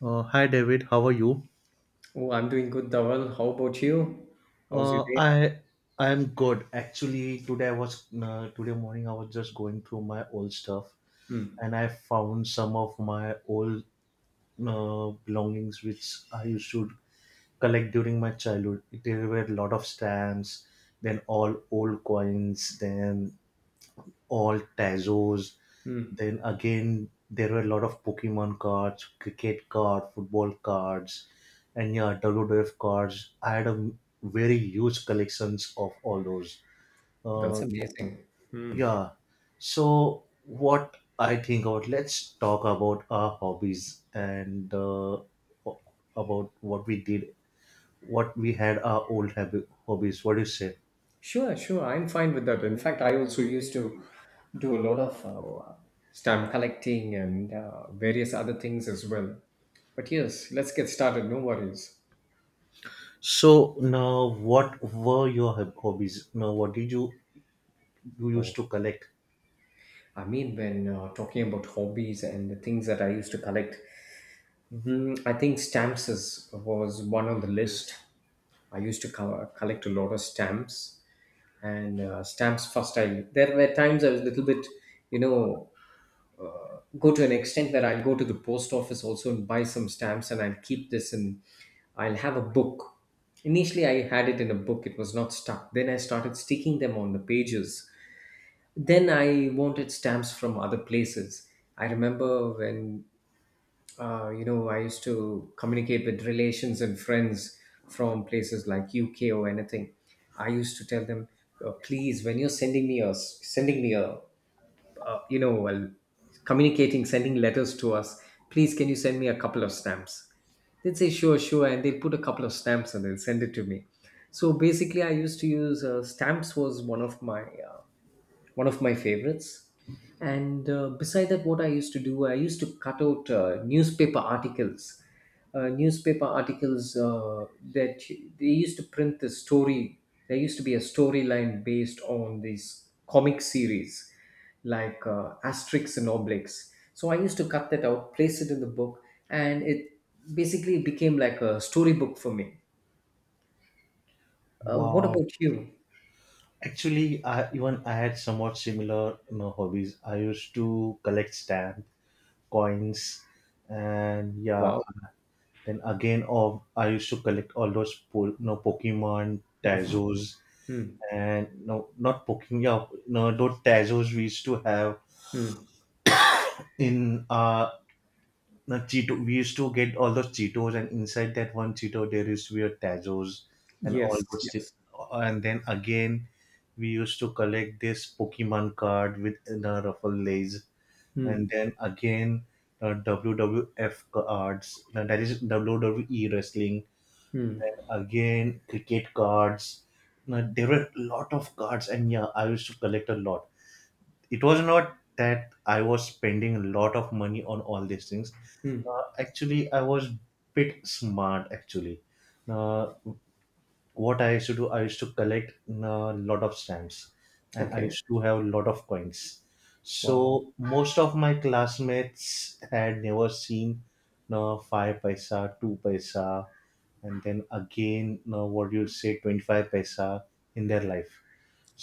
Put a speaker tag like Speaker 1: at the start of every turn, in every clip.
Speaker 1: Hi David, how are you?
Speaker 2: Oh, I'm doing good, Dawal. How about you? How's your
Speaker 1: Uh,
Speaker 2: day?
Speaker 1: I I am good. Actually, today I was today morning I was just going through my old stuff
Speaker 2: Hmm.
Speaker 1: and I found some of my old belongings which I used to collect during my childhood. There were a lot of stamps, then all old coins, then all Tazos. Then again, there were a lot of Pokemon cards, cricket card, football cards, and yeah, WWF cards. I had a very huge collections of all those.
Speaker 2: That's
Speaker 1: Uh,
Speaker 2: Amazing. Hmm.
Speaker 1: yeah. So what I think about, let's talk about our hobbies and about what we did, what we had our old habit, hobbies. What do you say?
Speaker 2: Sure, sure. I'm fine with that. In fact, I also used to do a lot of stamp collecting and various other things as well. But yes, let's get started. No worries.
Speaker 1: So now, what were your hobbies? Now, what did you
Speaker 2: Oh,
Speaker 1: used to collect.
Speaker 2: I mean, when talking about hobbies and the things that I used to collect, mhm, I think stamps is, was one on the list. I used to collect a lot of stamps, and stamps first. I There were times I was a little bit, you know, go to an extent that I'll go to the post office also and buy some stamps, and I'll keep this, and I'll have a book. Initially, I had it in a book; it was not stuck. Then I started sticking them on the pages. Then I wanted stamps from other places. I remember when I used to communicate with relations and friends from places like UK or anything. I used to tell them, please, when you're sending me a, uh, you know, well, communicating, sending letters to us, please, can you send me a couple of stamps? They'd say, sure, sure, and they'd put a couple of stamps and they'll send it to me. So basically, I used to use stamps was one of my one of my favorites. And beside that, what I used to do, I used to cut out newspaper articles. Newspaper articles that they used to print the story. There used to be a storyline based on these comic series like Asterix and Obelix. So I used to cut that out, place it in the book, and it basically became like a storybook for me. What
Speaker 1: Wow.
Speaker 2: about you?
Speaker 1: Actually, I had somewhat similar hobbies. I used to collect stamp coins, and yeah,
Speaker 2: Wow.
Speaker 1: then again, of I used to collect all those Pokemon Tazos
Speaker 2: Hmm.
Speaker 1: and no not Pokemon. Yeah, no those Tazos we used to have
Speaker 2: Hmm.
Speaker 1: in our the Cheeto. We used to get all those Cheetos, and inside that one Cheeto, there used to be a Tazos and all
Speaker 2: Yes.
Speaker 1: those. Thi-
Speaker 2: Yes.
Speaker 1: and then again, we used to collect this Pokemon card with the Ruffles, and
Speaker 2: Hmm.
Speaker 1: then again the WWF cards. Now that is WWE wrestling.
Speaker 2: Hmm.
Speaker 1: Again, cricket cards. Now, there were a lot of cards, and yeah, I used to collect a lot. It was not that I was spending a lot of money on all these things.
Speaker 2: Hmm.
Speaker 1: Actually, I was bit smart. Uh, what I used to do, I used to collect a lot of stamps, and I
Speaker 2: Okay.
Speaker 1: used to have a lot of coins.
Speaker 2: Wow.
Speaker 1: So most of my classmates had never seen no five paisa, two paisa, and then again, no, what you say, 25 paisa in their life.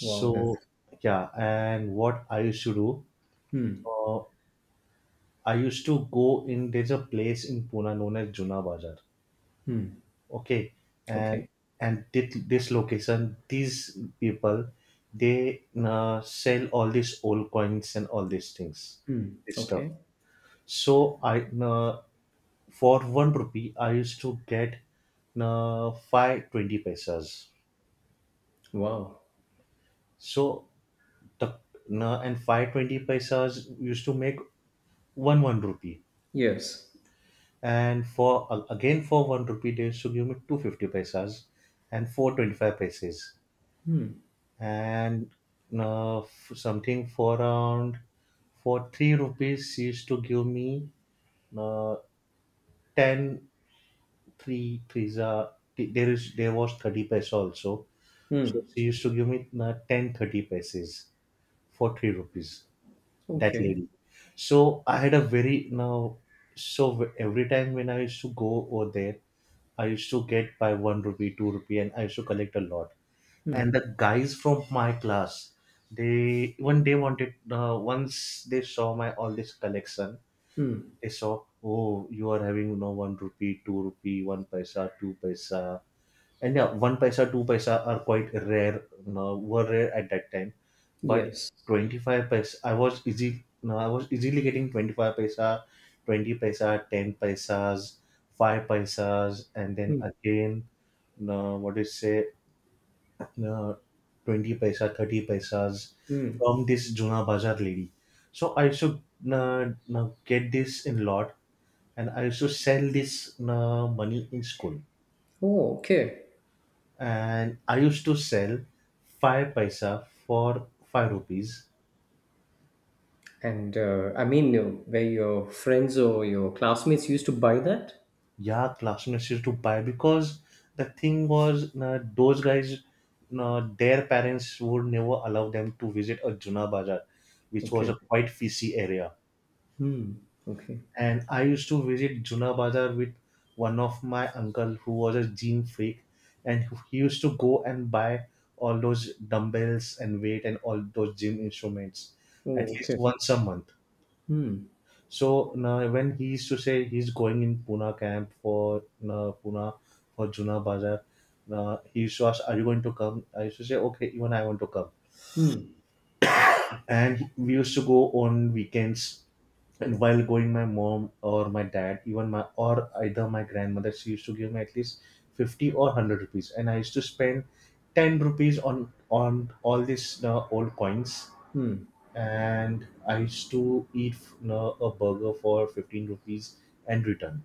Speaker 2: Wow. That's.
Speaker 1: yeah, and what I used to do,
Speaker 2: Hmm.
Speaker 1: uh, I used to go in. There's a place in Pune known as Juna Bazaar.
Speaker 2: Hmm.
Speaker 1: Okay. And
Speaker 2: Okay.
Speaker 1: and did this location, these people, they sell all these old coins and all these things,
Speaker 2: Hmm.
Speaker 1: this stuff.
Speaker 2: Okay.
Speaker 1: So I for one rupee, I used to get 5 20 paisas.
Speaker 2: Wow.
Speaker 1: So the and 5 20 paisas used to make one rupee.
Speaker 2: Yes.
Speaker 1: And for again for one rupee, they used to give me 2 50 paisas and 4 25 pesos. and Something for around for three rupees she used to give me uh, 10. Three threes are there was 30 paise also, so
Speaker 2: Hmm.
Speaker 1: she used to give me 10 30 paises for three rupees, that
Speaker 2: Okay.
Speaker 1: lady. So I had a very now, every time when I used to go over there, I used to get by one rupee two rupee, and I used to collect a lot.
Speaker 2: Hmm.
Speaker 1: And the guys from my class, they wanted, once they saw my all this collection,
Speaker 2: Hmm.
Speaker 1: they saw, oh, you are having, you know, one rupee two rupee one paisa two paisa. And yeah, one paisa two paisa are quite rare, were rare at that time, but
Speaker 2: Yes.
Speaker 1: 25 paisa I was easy no, I was easily getting 25 paisa, 20 paisa, 10 paisas, 5 paisas, and then
Speaker 2: Hmm.
Speaker 1: again, no, what do you say, uh, 20 paisa, 30 paisas
Speaker 2: Hmm.
Speaker 1: from this juna bazaar lady. So I used to uh, get this in lot, and I used to sell this money in school.
Speaker 2: Oh, okay.
Speaker 1: And I used to sell 5 paisa for 5 rupees.
Speaker 2: And I mean, were your friends or your classmates used to buy that?
Speaker 1: Yeah, classmates used to buy because the thing was, those guys, their parents would never allow them to visit a juna bazaar, which was
Speaker 2: Okay.
Speaker 1: a quite fishy area.
Speaker 2: Hmm. Okay.
Speaker 1: And I used to visit Juna Bazar with one of my uncle who was a gym freak, and he used to go and buy all those dumbbells and weight and all those gym instruments at
Speaker 2: Oh,
Speaker 1: least
Speaker 2: okay.
Speaker 1: once a month.
Speaker 2: Hmm.
Speaker 1: So now when he used to say he's going in Pune camp for Pune for Juna Bazar, he used to ask, "Are you going to come?" I used to say, "Okay, even I want to come."
Speaker 2: Hmm. Okay.
Speaker 1: And we used to go on weekends, and while going my mom or my dad, even my or either my grandmother, she used to give me at least 50 or 100 rupees, and I used to spend 10 rupees on all these old coins.
Speaker 2: Hmm.
Speaker 1: And I used to eat a burger for 15 rupees and return.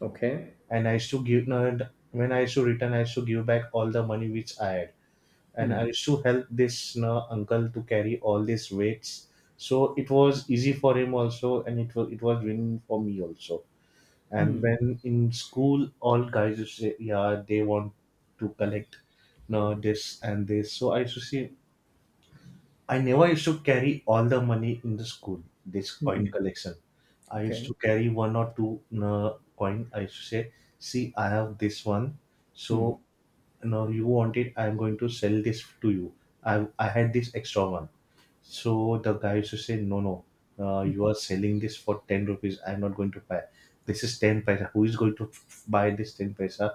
Speaker 2: Okay.
Speaker 1: And I used to give when I used to return, I used to give back all the money which I had, and I
Speaker 2: Hmm.
Speaker 1: used to help this uncle to carry all these weights. So it was easy for him also, and it was win for me also. And
Speaker 2: Hmm.
Speaker 1: when in school, all guys used to say, "Yeah, they want to collect, you know, this and this." So I used to see. I never used to carry all the money in the school. This coin
Speaker 2: Hmm.
Speaker 1: collection, I used to
Speaker 2: Okay.
Speaker 1: carry one or two you coin. I used to say, "See, I have this one." So
Speaker 2: Hmm.
Speaker 1: no, you want it, I'm going to sell this to you. I had this extra one. So the guy used to say, no, no, you are selling this for 10 rupees, I'm not going to buy. This is 10 paisa, who is going to buy this 10 paisa.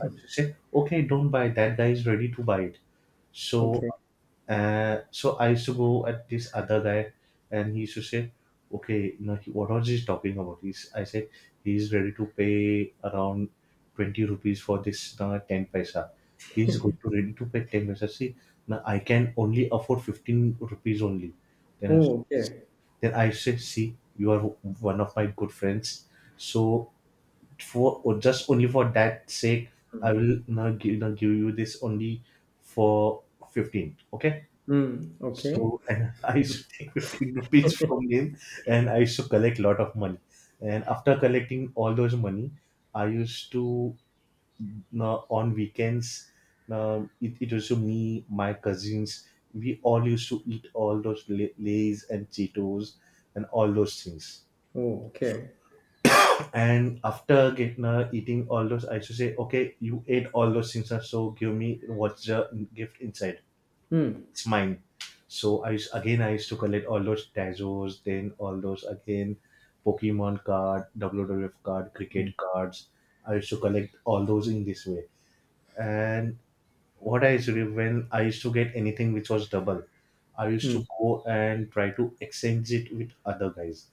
Speaker 1: I used to say, okay, don't buy, that guy is ready to buy it. so
Speaker 2: Okay.
Speaker 1: uh, so I used to go at this other guy, and he used to say, "Okay, you know, he, what was he talking about?" I said, "He's ready to pay around 20 rupees for this ten paisa. He's going to ready to pay ten paisa. See, now I can only afford 15 rupees only." Then I,
Speaker 2: Oh, okay.
Speaker 1: then I said, "See, you are one of my good friends. So for or just only for that sake,
Speaker 2: Hmm.
Speaker 1: I will now give you this only for 15. Okay."
Speaker 2: Hmm. Okay.
Speaker 1: So and I used to take 15 rupees from him, and I used to collect lot of money. And after collecting all those money, I used to on weekends it was to me, my cousins, we all used to eat all those lays and Cheetos and all those things.
Speaker 2: Oh, okay.
Speaker 1: And after getting eating all those, I used to say, okay, you ate all those things, now, so give me what's the gift inside.
Speaker 2: Mm.
Speaker 1: It's mine. So Again, I used to collect all those Tazos, then all those again Pokemon card, WWF card,
Speaker 2: Mm.
Speaker 1: cricket cards. I used to collect all those in this way. And what I used to do, when I used to get anything which was double, I used
Speaker 2: Mm.
Speaker 1: to go and try to exchange it with other guys.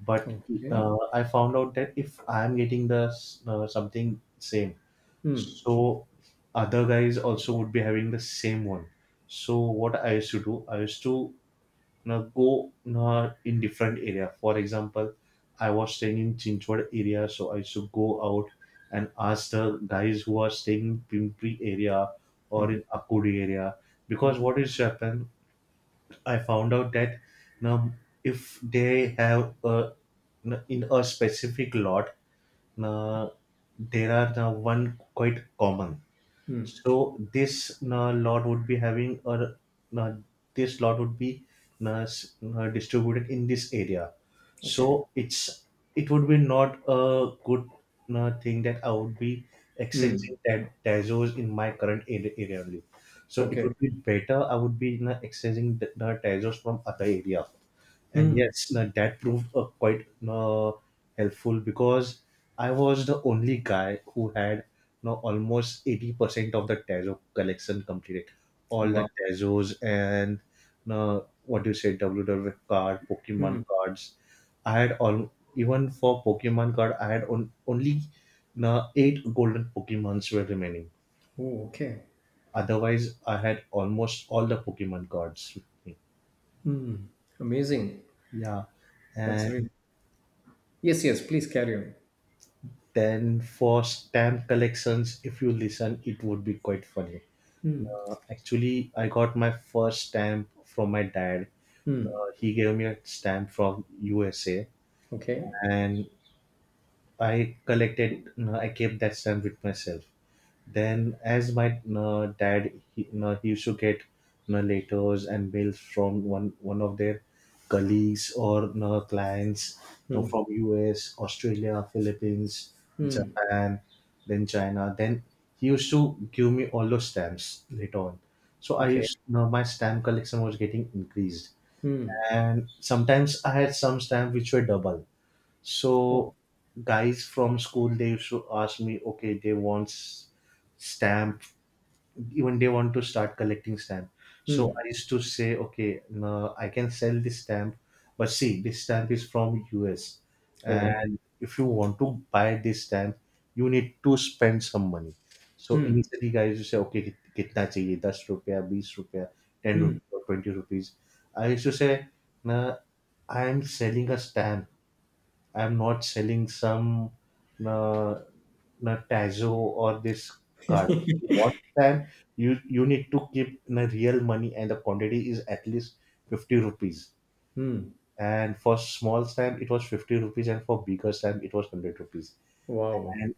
Speaker 1: But
Speaker 2: Okay.
Speaker 1: I found out that if I am getting the something same,
Speaker 2: Mm.
Speaker 1: so other guys also would be having the same one. So what I used to do, I used to go in different area. For example, I was staying in Chinchwad area, so I used to go out and ask the guys who are staying in Pimpri area or in Akudi area. Because what is happened, I found out that, you know, if they have a, you know, in a specific lot, uh, there are now one quite common.
Speaker 2: Mm.
Speaker 1: So uh, this lot would be distributed in this area.
Speaker 2: Okay.
Speaker 1: So it would be not a good thing that I would be
Speaker 2: Mm.
Speaker 1: exchanging that Tazos in my current area only. So it
Speaker 2: Okay.
Speaker 1: would be better I would be, you know, exchanging the Tazos from other area. And
Speaker 2: Mm.
Speaker 1: yes, now that proved quite helpful because I was the only guy who had now almost 80% of the Tazo collection completed. All the
Speaker 2: Wow.
Speaker 1: Tazos and uh, what do you say, WW card, Pokemon
Speaker 2: Mm.
Speaker 1: cards. I had all, even for Pokemon card, only eight golden Pokemons were remaining.
Speaker 2: Oh, okay.
Speaker 1: Otherwise, I had almost all the Pokemon cards with me.
Speaker 2: Mm. Amazing.
Speaker 1: Yeah.
Speaker 2: That's
Speaker 1: And
Speaker 2: really. Yes, yes. Please carry on.
Speaker 1: then for stamp collections, if you listen, it would be quite funny.
Speaker 2: Mm.
Speaker 1: Actually, I got my first stamp from my dad. Uh,
Speaker 2: Mm.
Speaker 1: he gave me a stamp from USA,
Speaker 2: Okay.
Speaker 1: and I collected. I kept that stamp with myself. Then, as my dad, he used to get letters and mails from one of their colleagues or clients
Speaker 2: Mm.
Speaker 1: from US, Australia, Philippines,
Speaker 2: Mm.
Speaker 1: Japan, then China. Then he used to give me all those stamps later on. So I
Speaker 2: Okay.
Speaker 1: used my stamp collection was getting increased,
Speaker 2: Mm.
Speaker 1: and sometimes I had some stamps which were double,
Speaker 2: Oh.
Speaker 1: so guys from school they used to ask me, okay, they want stamp, even they want to start collecting stamp. So
Speaker 2: Mm.
Speaker 1: I used to say, okay, no, I can sell this stamp, but see, this stamp is from US,
Speaker 2: Oh.
Speaker 1: and if you want to buy this stamp, you need to spend some money. So
Speaker 2: Mm.
Speaker 1: initially, guys, you say, okay, कितना चाहिए दस रुपया बीस रुपया ten
Speaker 2: Mm.
Speaker 1: रुपया twenty rupees I used to say, ना I am selling a stamp. I'm not selling some uh, na Tazo or this card. What time you need to keep na real money and the quantity is at least 50 rupees.
Speaker 2: Mm.
Speaker 1: And for small stamp it was 50 rupees and for bigger stamp it was 100 rupees.
Speaker 2: Wow.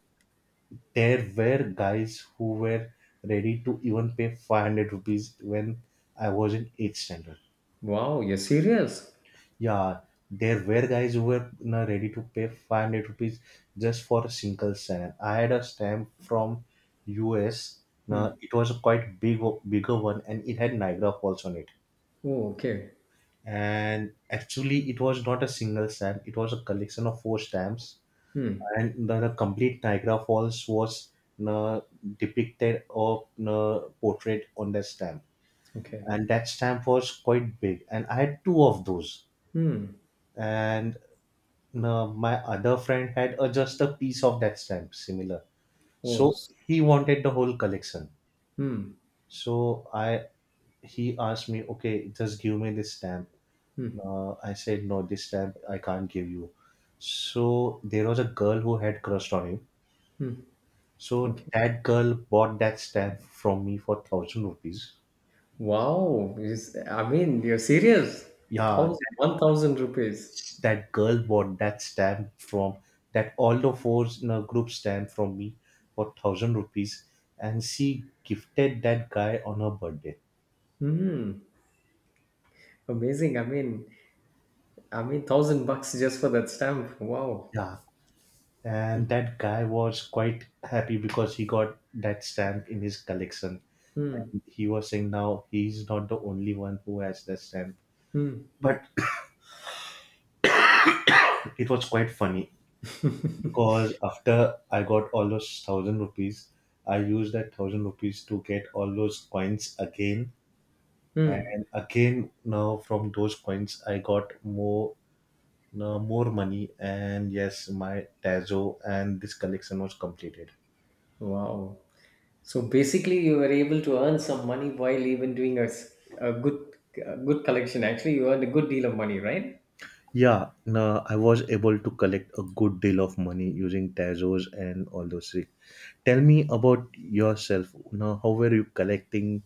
Speaker 1: There were guys who were ready to even pay 500 rupees when I was in eighth standard.
Speaker 2: Wow. You're serious?
Speaker 1: Yeah, there were guys who were ready to pay 500 rupees just for a single stamp. I had a stamp from US. Now
Speaker 2: Mm.
Speaker 1: it was a quite big, bigger one, and it had Niagara Falls on it.
Speaker 2: Oh, okay.
Speaker 1: And actually, it was not a single stamp; it was a collection of four stamps,
Speaker 2: Mm.
Speaker 1: and the complete Niagara Falls was you know, depicted or portrayed on that stamp.
Speaker 2: Okay.
Speaker 1: And that stamp was quite big, and I had two of those,
Speaker 2: Mm.
Speaker 1: and no, my other friend had a, just a piece of that stamp similar. So
Speaker 2: Was.
Speaker 1: he wanted the whole collection.
Speaker 2: Mm.
Speaker 1: So I he asked me, okay, just give me this stamp.
Speaker 2: Mm.
Speaker 1: I said, no, this stamp I can't give you. So there was a girl who had crushed on him. So
Speaker 2: Okay.
Speaker 1: that girl bought that stamp from me for thousand rupees.
Speaker 2: Wow! Is I mean, you're serious?
Speaker 1: Yeah,
Speaker 2: Thousand, 1,000 rupees.
Speaker 1: that girl bought that stamp from, that all the four in a group stamp from me for thousand rupees, and she gifted that guy on her birthday.
Speaker 2: Hmm. Amazing. I mean, 1,000 bucks just for that stamp. Wow.
Speaker 1: Yeah and that guy was quite happy because he got that stamp in his collection,
Speaker 2: Hmm.
Speaker 1: and he was saying now he's not the only one who has that stamp.
Speaker 2: Hmm.
Speaker 1: But it was quite funny because after I got all those thousand rupees, I used that thousand rupees to get all those coins again
Speaker 2: Hmm.
Speaker 1: and again. Now from those coins I got more, no, more money, and yes, my Tazo and this collection was completed.
Speaker 2: Wow. So basically, you were able to earn some money while even doing a, a good collection. Actually, you earned a good deal of money, right?
Speaker 1: Yeah, no, I was able to collect a good deal of money using Tazos and all those things. Tell me about yourself now. How were you collecting?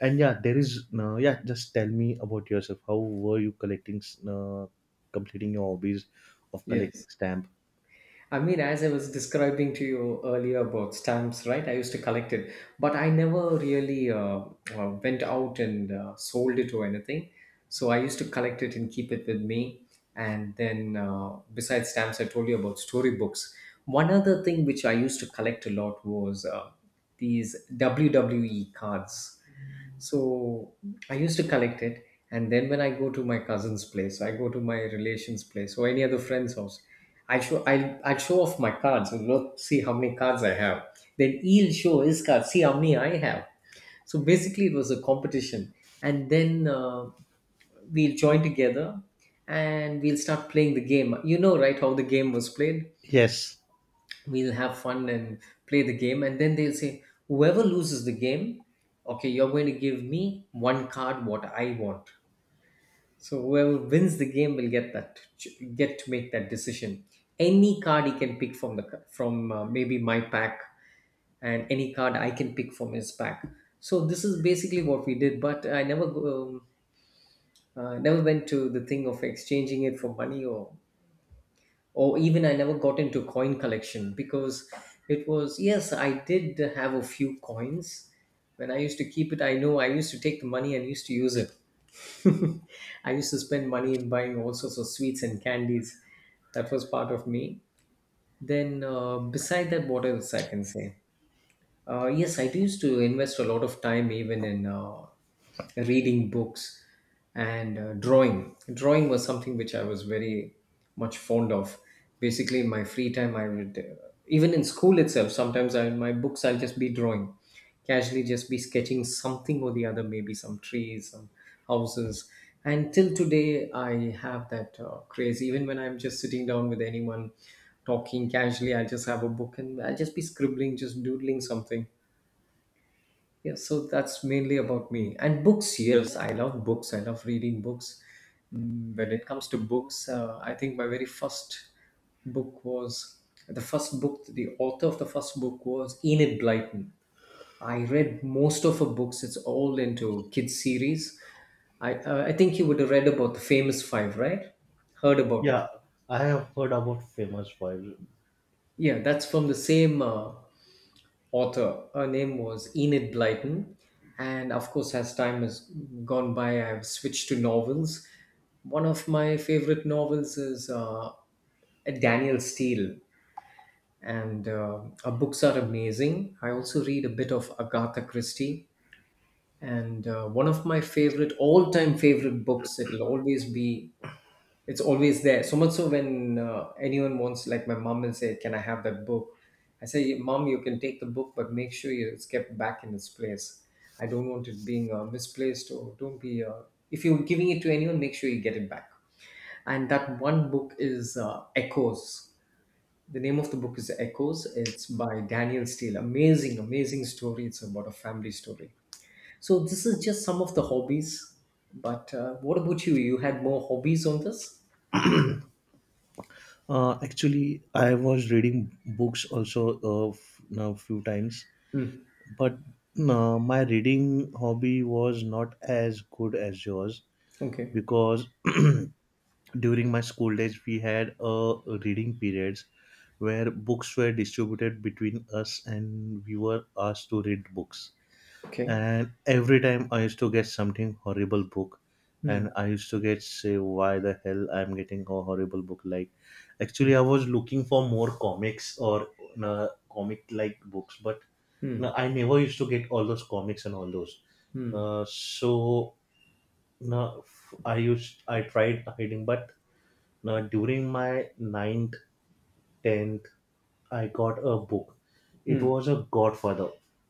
Speaker 1: And yeah, there is no, yeah, just tell me about yourself. How were you collecting uh, completing your hobbies of collecting
Speaker 2: Yes.
Speaker 1: stamp?
Speaker 2: I mean, as I was describing to you earlier about stamps, right? I used to collect it, but I never really went out and sold it or anything. So I used to collect it and keep it with me. And then, besides stamps, I told you about storybooks. One other thing which I used to collect a lot was these WWE cards. So I used to collect it. And then when I go to my cousin's place, I go to my relation's place or any other friend's house, I show off my cards and look, see how many cards I have. Then he'll show his cards, see how many I have. So basically, it was a competition, and then we'll join together and we'll start playing the game. You know, right? How the game was played.
Speaker 1: Yes.
Speaker 2: We'll have fun and play the game, and then they'll say, whoever loses the game, okay, you're going to give me one card what I want. So whoever wins the game will get get to make that decision. Any card he can pick from from maybe my pack, and any card I can pick from his pack. So this is basically what we did. But I never went to the thing of exchanging it for money or even I never got into coin collection because it was yes, I did have a few coins. When I used to keep it, I know I used to take the money and used to use it. I used to spend money in buying all sorts of sweets and candies. That was part of me. Then, beside that, what else I can say? Yes, I used to invest a lot of time even in reading books and drawing. Drawing was something which I was very much fond of. Basically, in my free time, I would, even in school itself, sometimes I, in my books, I'll just be drawing casually, just be sketching something or the other, maybe some trees, some houses. And till today I have that craze. Even when I'm just sitting down with anyone talking casually, I'll just have a book and I'll just be scribbling, just doodling something. Yeah, so that's mainly about me. And books, yes, I love books, I love reading books. Mm, when it comes to books, I think my very first book was the author of the first book was Enid Blyton. I read most of her books. It's all into kids series. I think you would have read about the Famous Five, right? Heard about it?
Speaker 1: Yeah, I have heard about famous files.
Speaker 2: Yeah, that's from the same author. Her name was Enid Blyton, and of course, as time has gone by, I've switched to novels. One of my favorite novels is Daniel Steele, and her books are amazing. I also read a bit of Agatha Christie. And one of my favorite, all-time favorite books, it'll always be, it's always there. So much so, when anyone wants, like my mom will say, can I have that book? I say, Mom, you can take the book, but make sure it's kept back in its place. I don't want it being misplaced, or don't be if you're giving it to anyone, make sure you get it back. And that one book is Echoes. The name of the book is Echoes. It's by Daniel Steele. Amazing, amazing story. It's about a family story. So this is just some of the hobbies. But what about you? You had more hobbies on this?
Speaker 1: Actually, I was reading books also a now few times,
Speaker 2: Hmm.
Speaker 1: but my reading hobby was not as good as yours
Speaker 2: Okay.
Speaker 1: because during my school days we had a reading periods where books were distributed between us and we were asked to read books,
Speaker 2: Okay.
Speaker 1: and every time I used to get something horrible book,
Speaker 2: Hmm.
Speaker 1: and I used to get say why the hell I'm getting a horrible book. Like, actually I was looking for more comics or comic like books, but no,
Speaker 2: Hmm.
Speaker 1: I never used to get all those comics and all those.
Speaker 2: Hmm.
Speaker 1: So no, I tried hiding, but no, during my ninth, tenth, I got a book. It
Speaker 2: Hmm.
Speaker 1: was a Godfather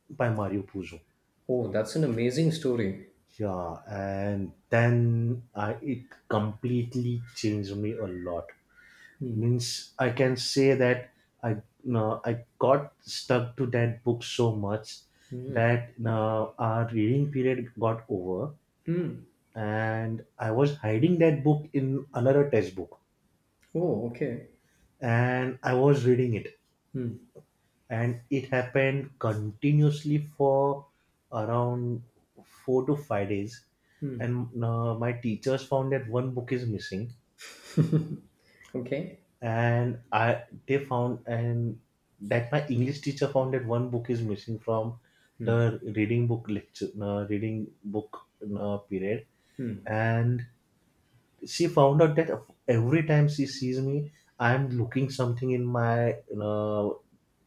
Speaker 1: by Mario Puzo.
Speaker 2: Oh, that's an amazing story.
Speaker 1: Yeah, and then I, it completely changed me a lot.
Speaker 2: Hmm.
Speaker 1: Means I can say that I no, I got stuck to that book so much
Speaker 2: Hmm.
Speaker 1: that now our reading period got over,
Speaker 2: Hmm.
Speaker 1: and I was hiding that book in another textbook,
Speaker 2: Oh, okay.
Speaker 1: and I was reading it,
Speaker 2: Hmm.
Speaker 1: and it happened continuously for around 4 to 5 days,
Speaker 2: Hmm.
Speaker 1: and my teachers found that one book is missing,
Speaker 2: Okay.
Speaker 1: and I they found, and that my English teacher found that one book is missing from the reading book lecture reading book period,
Speaker 2: Hmm.
Speaker 1: and she found out that every time she sees me, I'm looking something in my uh,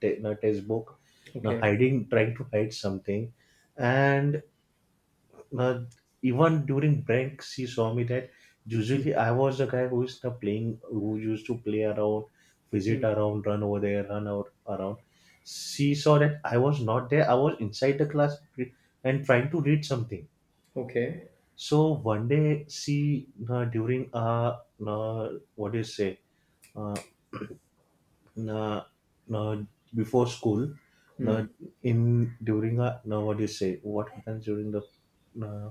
Speaker 1: textbook,
Speaker 2: Okay.
Speaker 1: hiding trying to hide something, and uh, even during breaks she saw me that
Speaker 2: Hmm.
Speaker 1: usually I was the guy who is the playing who used to play around, visit around, run over there, run out around. She saw that I was not there. I was inside the class, and trying to read something.
Speaker 2: Okay.
Speaker 1: So one day she during uh what do you say, uh, uh, uh before school, uh,
Speaker 2: Hmm.
Speaker 1: in during no, what do you say, what happens during uh,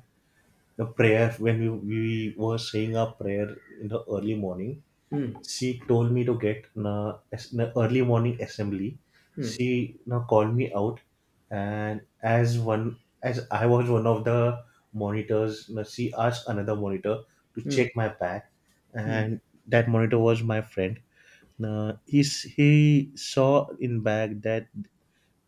Speaker 1: the prayer when we were saying our prayer in the early morning,
Speaker 2: Hmm.
Speaker 1: she told me to get in a early morning assembly.
Speaker 2: Hmm.
Speaker 1: She now called me out, and as one as I was one of the monitors, now she asked another monitor to
Speaker 2: Hmm.
Speaker 1: check my bag. And that monitor was my friend. Now he, he saw in bag that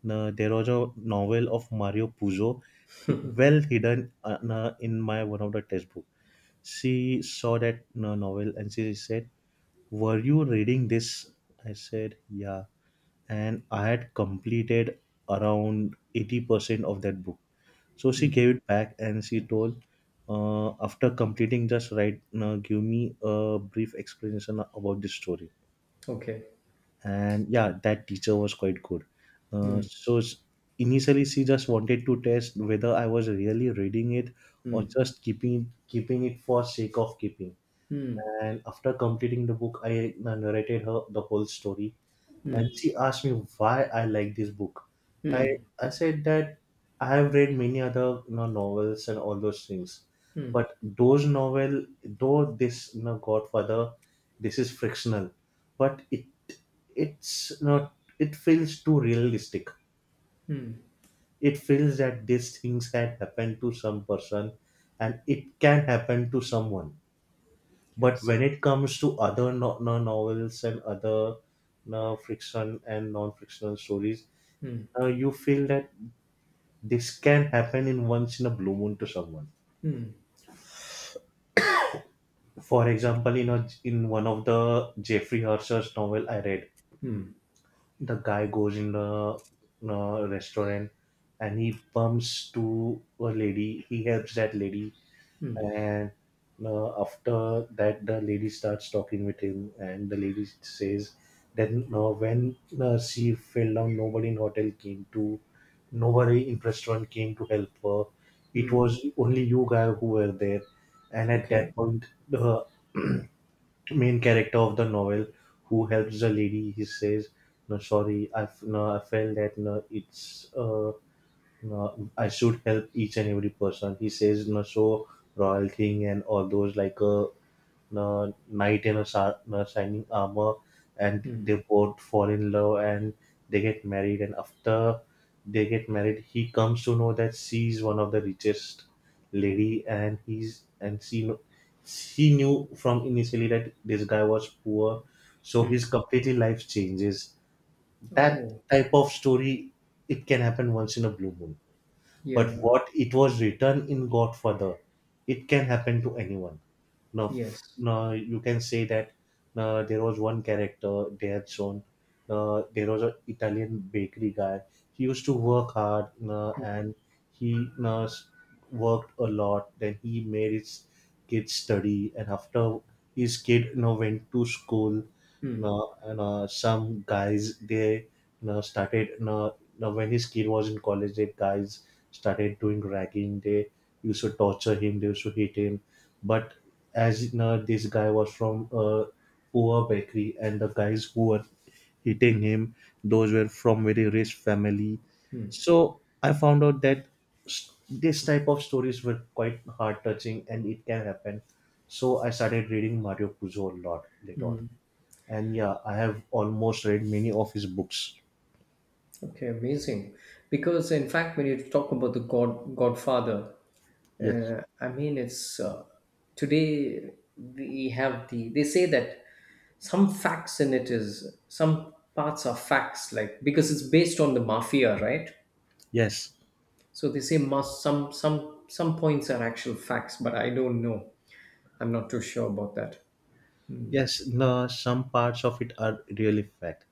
Speaker 1: now, there was a novel of Mario Puzo, well hidden now in my one of the textbook. She saw that novel and she said, were you reading this? I said, yeah. And I had completed around 80% of that book. So she gave it back and she told, after completing, just write, give me a brief explanation about this story.
Speaker 2: Okay.
Speaker 1: And yeah, that teacher was quite good. So initially, she just wanted to test whether I was really reading it or
Speaker 2: Hmm.
Speaker 1: just keeping it for sake of keeping.
Speaker 2: Hmm.
Speaker 1: And after completing the book, I narrated her the whole story, and
Speaker 2: Hmm.
Speaker 1: she asked me why I like this book. I I said that I have read many other novels and all those things,
Speaker 2: Hmm.
Speaker 1: but those novel, though this Godfather, this is frictional, but it's not, it feels too realistic.
Speaker 2: Hmm.
Speaker 1: It feels that these things can happen to some person, and it can happen to someone, but
Speaker 2: Yes.
Speaker 1: when it comes to other novels and other no friction and non-fictional stories, you feel that this can happen in once in a blue moon to someone. For example, in a, in one of the Jeffrey Hertzer's novel I read,
Speaker 2: Hmm.
Speaker 1: the guy goes in a restaurant, and he bumps to a lady, he helps that lady. And after that the lady starts talking with him, and the lady says then when she fell down, nobody in hotel came to, nobody in restaurant came to help her. It
Speaker 2: Hmm.
Speaker 1: was only you guy who were there. And at that
Speaker 2: Okay.
Speaker 1: point the main character of the novel who helps the lady, he says, no, sorry, no, I felt that no, it's I should help each and every person. He says, so royal thing and all those, like a knight in a, shining armor, and
Speaker 2: Hmm.
Speaker 1: they both fall in love and they get married. And after they get married, he comes to know that she is one of the richest lady, and he's and she knew from initially that this guy was poor, so
Speaker 2: Hmm.
Speaker 1: his completely life changes. That
Speaker 2: Oh,
Speaker 1: type of story, it can happen once in a blue moon, but
Speaker 2: yeah.
Speaker 1: what it was written in Godfather, it can happen to anyone. Now,
Speaker 2: Yes.
Speaker 1: now you can say that there was one character they had shown. There was an Italian bakery guy. He used to work hard, and he worked a lot. Then he made his kid study, and after his kid went to school,
Speaker 2: Hmm.
Speaker 1: and some guys they started, now when his kid was in college, the guys started doing ragging. They used to torture him, they used to hit him, but as in, this guy was from a poor bakery, and the guys who were hitting him, those were from very rich family.
Speaker 2: Hmm.
Speaker 1: So I found out that this type of stories were quite heart touching and it can happen. So I started reading Mario Puzo a lot later on, and yeah, I have almost read many of his books.
Speaker 2: Okay, amazing. Because in fact, when you talk about the Godfather,
Speaker 1: Yes.
Speaker 2: I mean, it's today we have the. They say that some facts in it is some parts are facts, like because it's based on the mafia, right?
Speaker 1: Yes.
Speaker 2: So they say must some points are actual facts, but I don't know. I'm not too sure about that.
Speaker 1: Yes, no, some parts of it are really fact.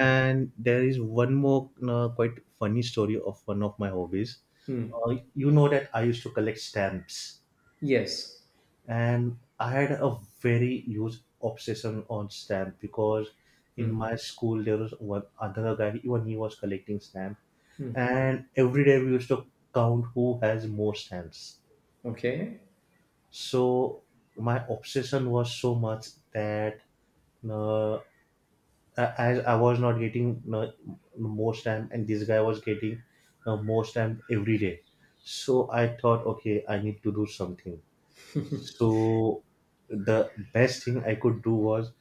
Speaker 1: And there is one more quite funny story of one of my hobbies.
Speaker 2: Hmm.
Speaker 1: You know that I used to collect stamps,
Speaker 2: Yes.
Speaker 1: and I had a very huge obsession on stamp because in my school there was one another guy, even he was collecting stamp, and every day we used to count who has more stamps.
Speaker 2: Okay.
Speaker 1: So my obsession was so much that uh, as I was not getting more stamp, and this guy was getting more stamp every day. So I thought, okay, I need to do something. So the best thing I could do was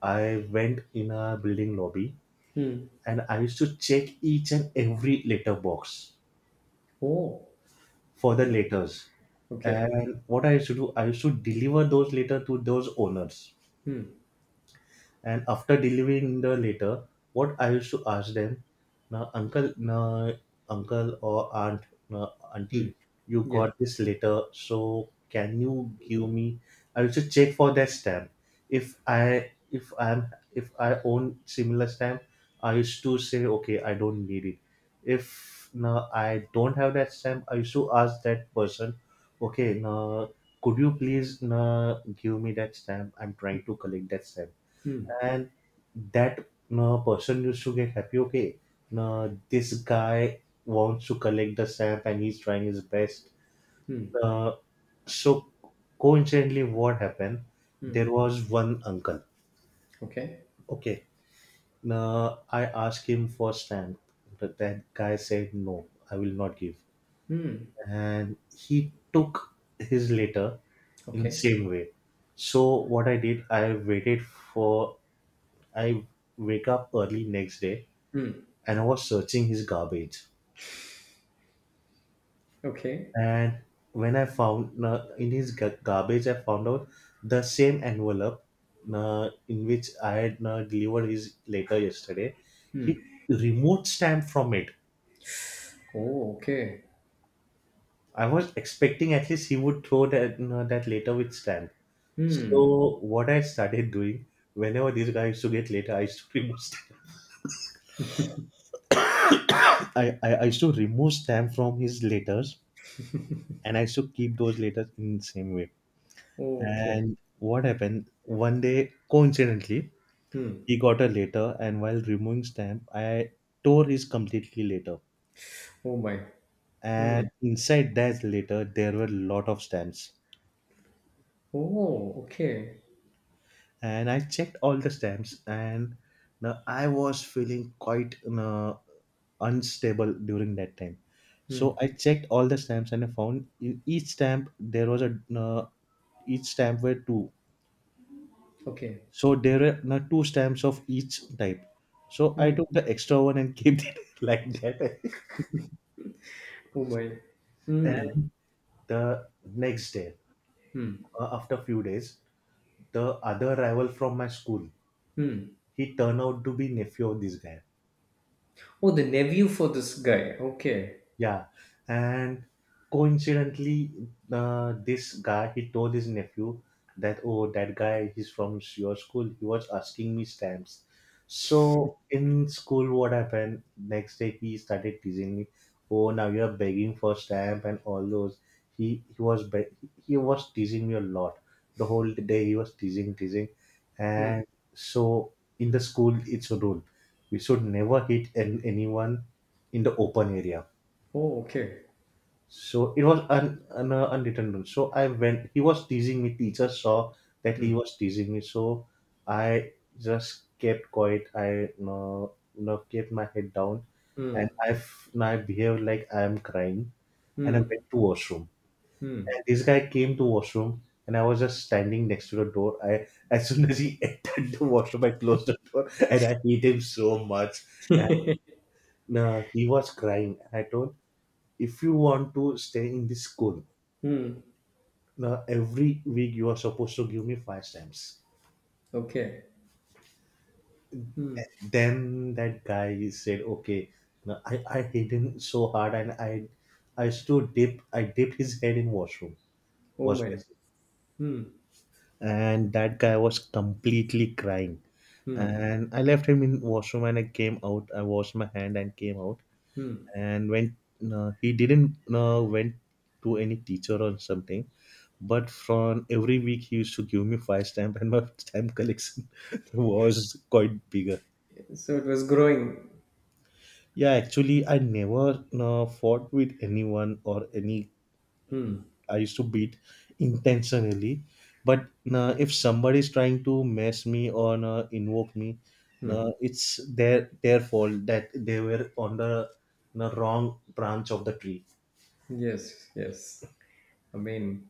Speaker 1: I went in a building lobby,
Speaker 2: Hmm.
Speaker 1: and I used to check each and every letter box
Speaker 2: Oh.
Speaker 1: for the
Speaker 2: o-
Speaker 1: letters.
Speaker 2: Okay.
Speaker 1: And what I used to do, I used to deliver those letters to those owners.
Speaker 2: Hmm.
Speaker 1: And after delivering the letter, what I used to ask them, now uncle or aunt, now auntie, you
Speaker 2: Yes.
Speaker 1: got this letter, so can you give me? I used to check for that stamp. If I own similar stamp, I used to say, "Okay, I don't need it." If now I don't have that stamp, I used to ask that person, "Okay, now could you please now give me that stamp? I'm trying to collect that stamp."
Speaker 2: Hmm.
Speaker 1: And that person used to get happy. "Okay, this guy wants to collect the stamp, and he's trying his best."
Speaker 2: Hmm.
Speaker 1: Uh, so coincidentally, what happened?
Speaker 2: Hmm.
Speaker 1: There was one uncle.
Speaker 2: Okay.
Speaker 1: Okay. I asked him for stamp, but that guy said, "No, I will not give." And he took his letter in the
Speaker 2: Okay.
Speaker 1: same way. So what I did, I waited for I wake up early next day
Speaker 2: Mm.
Speaker 1: and I was searching his garbage.
Speaker 2: Okay.
Speaker 1: And when I found, in his garbage, I found out the same envelope in which I had delivered his letter yesterday. He removed stamp from it.
Speaker 2: Oh, okay.
Speaker 1: I was expecting at least he would throw that that letter with stamp.
Speaker 2: Mm.
Speaker 1: So what I started doing, whenever this guy used to get letter, I used to remove stamp. I used to remove stamp from his letters, and I used to keep those letters in the same way.
Speaker 2: Oh, okay.
Speaker 1: And what happened? One day, coincidentally,
Speaker 2: Mm.
Speaker 1: he got a letter, and while removing stamp, I tore his completely letter.
Speaker 2: Oh my. Mm.
Speaker 1: And inside that letter, there were lot of stamps.
Speaker 2: Oh, okay.
Speaker 1: And I checked all the stamps, and now I was feeling quite unstable during that time. So
Speaker 2: Mm.
Speaker 1: I checked all the stamps, and I found in each stamp there was a each stamp were two.
Speaker 2: Okay.
Speaker 1: So there are no two stamps of each type. So I took the extra one and kept it like that.
Speaker 2: Oh my. Mm.
Speaker 1: And the next day, after a few days, the other rival from my school,
Speaker 2: Mm.
Speaker 1: he turned out to be nephew of this guy.
Speaker 2: Oh, the nephew for this guy. Okay.
Speaker 1: Yeah, and coincidentally, this guy, he told his nephew that, "Oh, that guy, he's from your school. He was asking me stamps." So in school, what happened next day? He started teasing me. "Oh, now you are begging for stamp and all those." He he was be- he was teasing me a lot. The whole day he was teasing, teasing, and so in the school it's a rule. We should never hit anyone in the open area.
Speaker 2: Oh, okay.
Speaker 1: So it was an unwritten rule. So I went. He was teasing me. Teacher saw that he was teasing me. So I just kept quiet. I kept my head down, and
Speaker 2: Mm.
Speaker 1: I f- and I behaved like I am crying, and I
Speaker 2: Mm.
Speaker 1: went to washroom.
Speaker 2: Mm.
Speaker 1: And this guy came to washroom, and I was just standing next to the door. I as soon as he entered the washroom, I closed the door, and I hate him so much. And he was crying. And I told, "If you want to stay in this school,
Speaker 2: Mm.
Speaker 1: now every week you are supposed to give me 5 stamps."
Speaker 2: Okay.
Speaker 1: Then that guy said, "Okay." Now I hit him so hard, and I dipped his head in washroom,
Speaker 2: Oh
Speaker 1: was
Speaker 2: my.
Speaker 1: basically.
Speaker 2: Mm.
Speaker 1: And that guy was completely crying.
Speaker 2: Mm.
Speaker 1: And I left him in washroom and I came out. I washed my hand and came out.
Speaker 2: Mm.
Speaker 1: And when he didn't went to any teacher or something, but from every week he used to give me five stamp, and my stamp collection was quite bigger.
Speaker 2: So it was growing.
Speaker 1: Yeah, actually, I never fought with anyone or any.
Speaker 2: Mm.
Speaker 1: I used to beat intentionally. But if somebody is trying to mess me or invoke me, it's their fault that they were on the wrong branch of the tree.
Speaker 2: Yes. Yes. I mean,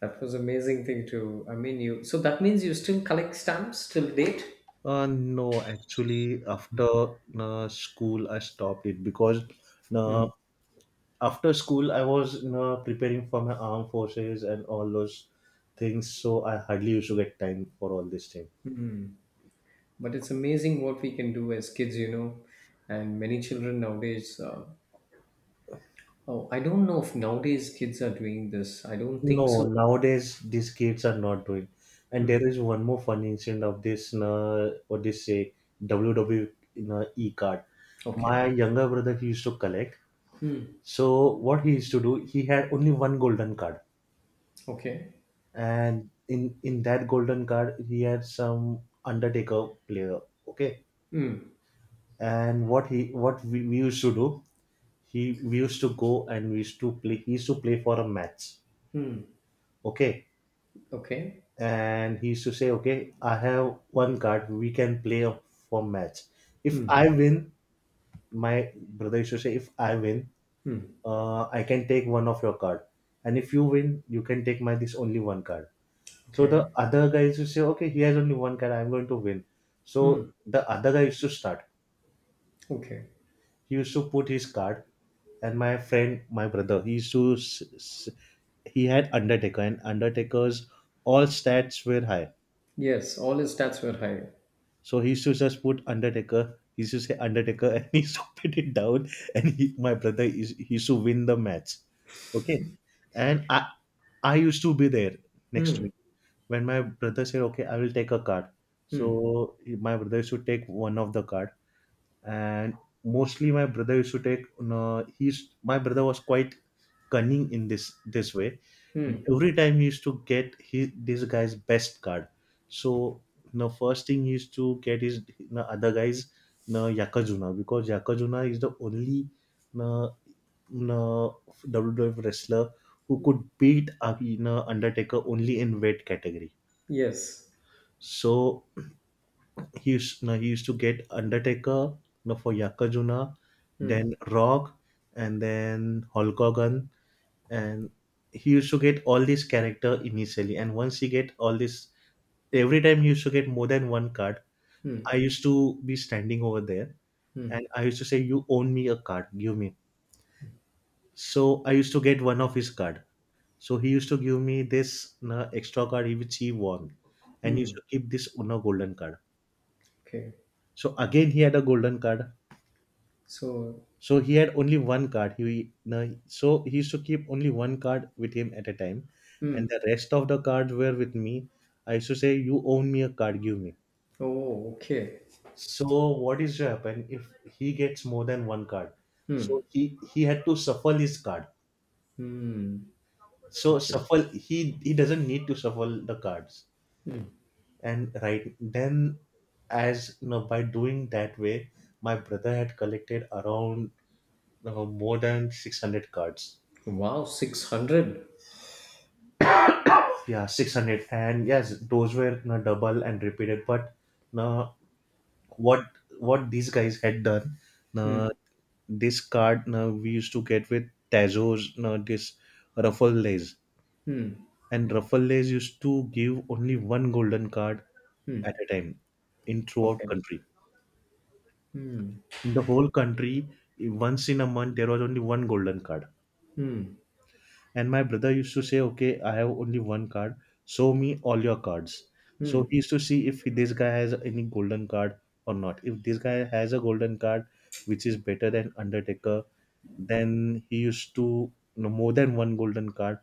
Speaker 2: that was amazing thing to. I mean, you. So that means you still collect stamps till date.
Speaker 1: No, actually, after school, I stopped it, because uh, after school, I was preparing for my armed forces and all those things. So I hardly used to get time for all this thing.
Speaker 2: But it's amazing what we can do as kids, you know. And many children nowadays, oh, I don't know if nowadays kids are doing this. I don't think
Speaker 1: No,
Speaker 2: so.
Speaker 1: nowadays these kids are not doing. And there is one more funny incident of this, what they say, WWE card. My
Speaker 2: Okay,
Speaker 1: younger brother used to collect. So what he used to do, he had only one golden card.
Speaker 2: okay,
Speaker 1: And in that golden card, he had some undertaker player. Okay. And what we used to do, he we used to go, and we used to play he used to play for a match. Okay.
Speaker 2: okay,
Speaker 1: And he used to say, "Okay, I have one card, we can play for match. If I win..." My brother used to say, "If I win,
Speaker 2: hmm.
Speaker 1: I can take one of your card, and if you win, you can take my this only one card." So the
Speaker 2: Okay,
Speaker 1: other guy used to say, "Okay, he has only one card, I'm going to win." So the other guy used to start.
Speaker 2: okay.
Speaker 1: He used to put his card, and my brother, he used to, he had Undertaker, and Undertaker's all stats were high.
Speaker 2: Yes, all his stats were high.
Speaker 1: So he used to just put Undertaker, he used to say, "Undertaker," and he used to put it down, and he, my brother, is he used to win the match. Okay. And I used to be there next
Speaker 2: Hmm,
Speaker 1: to, when my brother said, "Okay, I will take a card,"
Speaker 2: hmm,
Speaker 1: so my brother used to take one of the card. And mostly my brother used to take, no, he's my brother was quite cunning in this way.
Speaker 2: hmm.
Speaker 1: Every time he used to get his, this guy's best card. So the first thing he used to get is the other guy's, no, Yakajuna, because Yakajuna is the only, no, no, WWF wrestler who could beat Undertaker only in weight category.
Speaker 2: Yes.
Speaker 1: So no, he used to get Undertaker, no, for Yakajuna,
Speaker 2: Hmm,
Speaker 1: then Rock, and then Hulk Hogan, and he used to get all these character initially. And once he get all this, every time he used to get more than one card. I
Speaker 2: hmm,
Speaker 1: used to be standing over there, and
Speaker 2: hmm,
Speaker 1: I used to say, "You own me a card, give me." So I used to get one of his card. So he used to give me this, no, extra card which he won, and he used
Speaker 2: hmm.
Speaker 1: to keep this, no, golden card.
Speaker 2: Okay.
Speaker 1: So again, he had a golden card.
Speaker 2: So,
Speaker 1: So he had only one card. He, no, so he used to keep only one card with him at a time, and
Speaker 2: hmm.
Speaker 1: the rest of the cards were with me. I used to say, "You own me a card, give me."
Speaker 2: Oh, okay.
Speaker 1: So what is to happen if he gets more than one card?
Speaker 2: Hmm,
Speaker 1: So he had to shuffle his card.
Speaker 2: hmm.
Speaker 1: So
Speaker 2: Okay.
Speaker 1: shuffle he doesn't need to shuffle the cards. And right then, as you know, by doing that way, my brother had collected around more than 600 cards.
Speaker 2: Wow, 600.
Speaker 1: Yeah, 600. And yes, those were na double and repeated, but na, what what these guys had done, na,
Speaker 2: Hmm,
Speaker 1: this card na we used to get with tazos, na, this ruffle lays.
Speaker 2: hmm,
Speaker 1: And ruffle lays used to give only one golden card at
Speaker 2: hmm.
Speaker 1: a time, in throughout
Speaker 2: Okay.
Speaker 1: country.
Speaker 2: Hmm,
Speaker 1: In the whole country, once in a month, there was only one golden card.
Speaker 2: hmm,
Speaker 1: And my brother used to say, "Okay, I have only one card. Show me all your cards."
Speaker 2: hmm.
Speaker 1: So he used to see if this guy has any golden card or not. If this guy has a golden card which is better than Undertaker, then he used to, no, more than one golden card,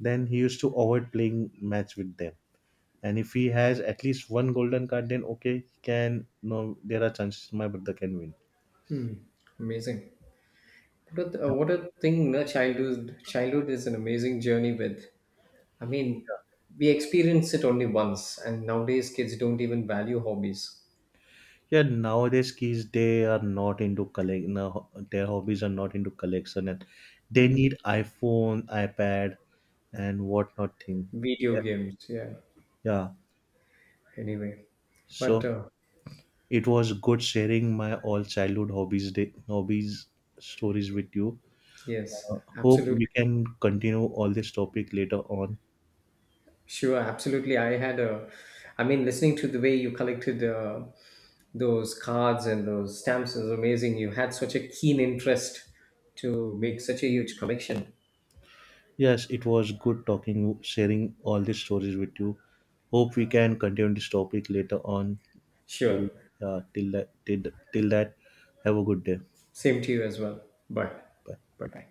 Speaker 1: then he used to avoid playing match with them. And if he has at least one golden card, then okay, he can, no, there are chances my brother can win.
Speaker 2: Amazing. What a thing na childhood is an amazing journey with. I mean, we experience it only once, and nowadays kids don't even value hobbies.
Speaker 1: Yeah, nowadays kids, they are not into collect. No, their hobbies are not into collection, and they
Speaker 2: Mm.
Speaker 1: need iPhone, iPad, and whatnot thing. Yeah.
Speaker 2: Video games. Yeah.
Speaker 1: Yeah.
Speaker 2: Anyway, but
Speaker 1: So it was good sharing my all childhood hobbies stories with you.
Speaker 2: yes,
Speaker 1: Hope we
Speaker 2: absolutely,
Speaker 1: can continue all this topic later on.
Speaker 2: sure, absolutely. I had a, I mean, listening to the way you collected those cards and those stamps is amazing. You had such a keen interest to make such a huge collection.
Speaker 1: Yes, it was good talking, sharing all these stories with you. Hope we can continue this topic later on. Till
Speaker 2: Sure,
Speaker 1: uh, till that till, till that, have a good day.
Speaker 2: same to you as well. Bye,
Speaker 1: Bye.
Speaker 2: bye, bye.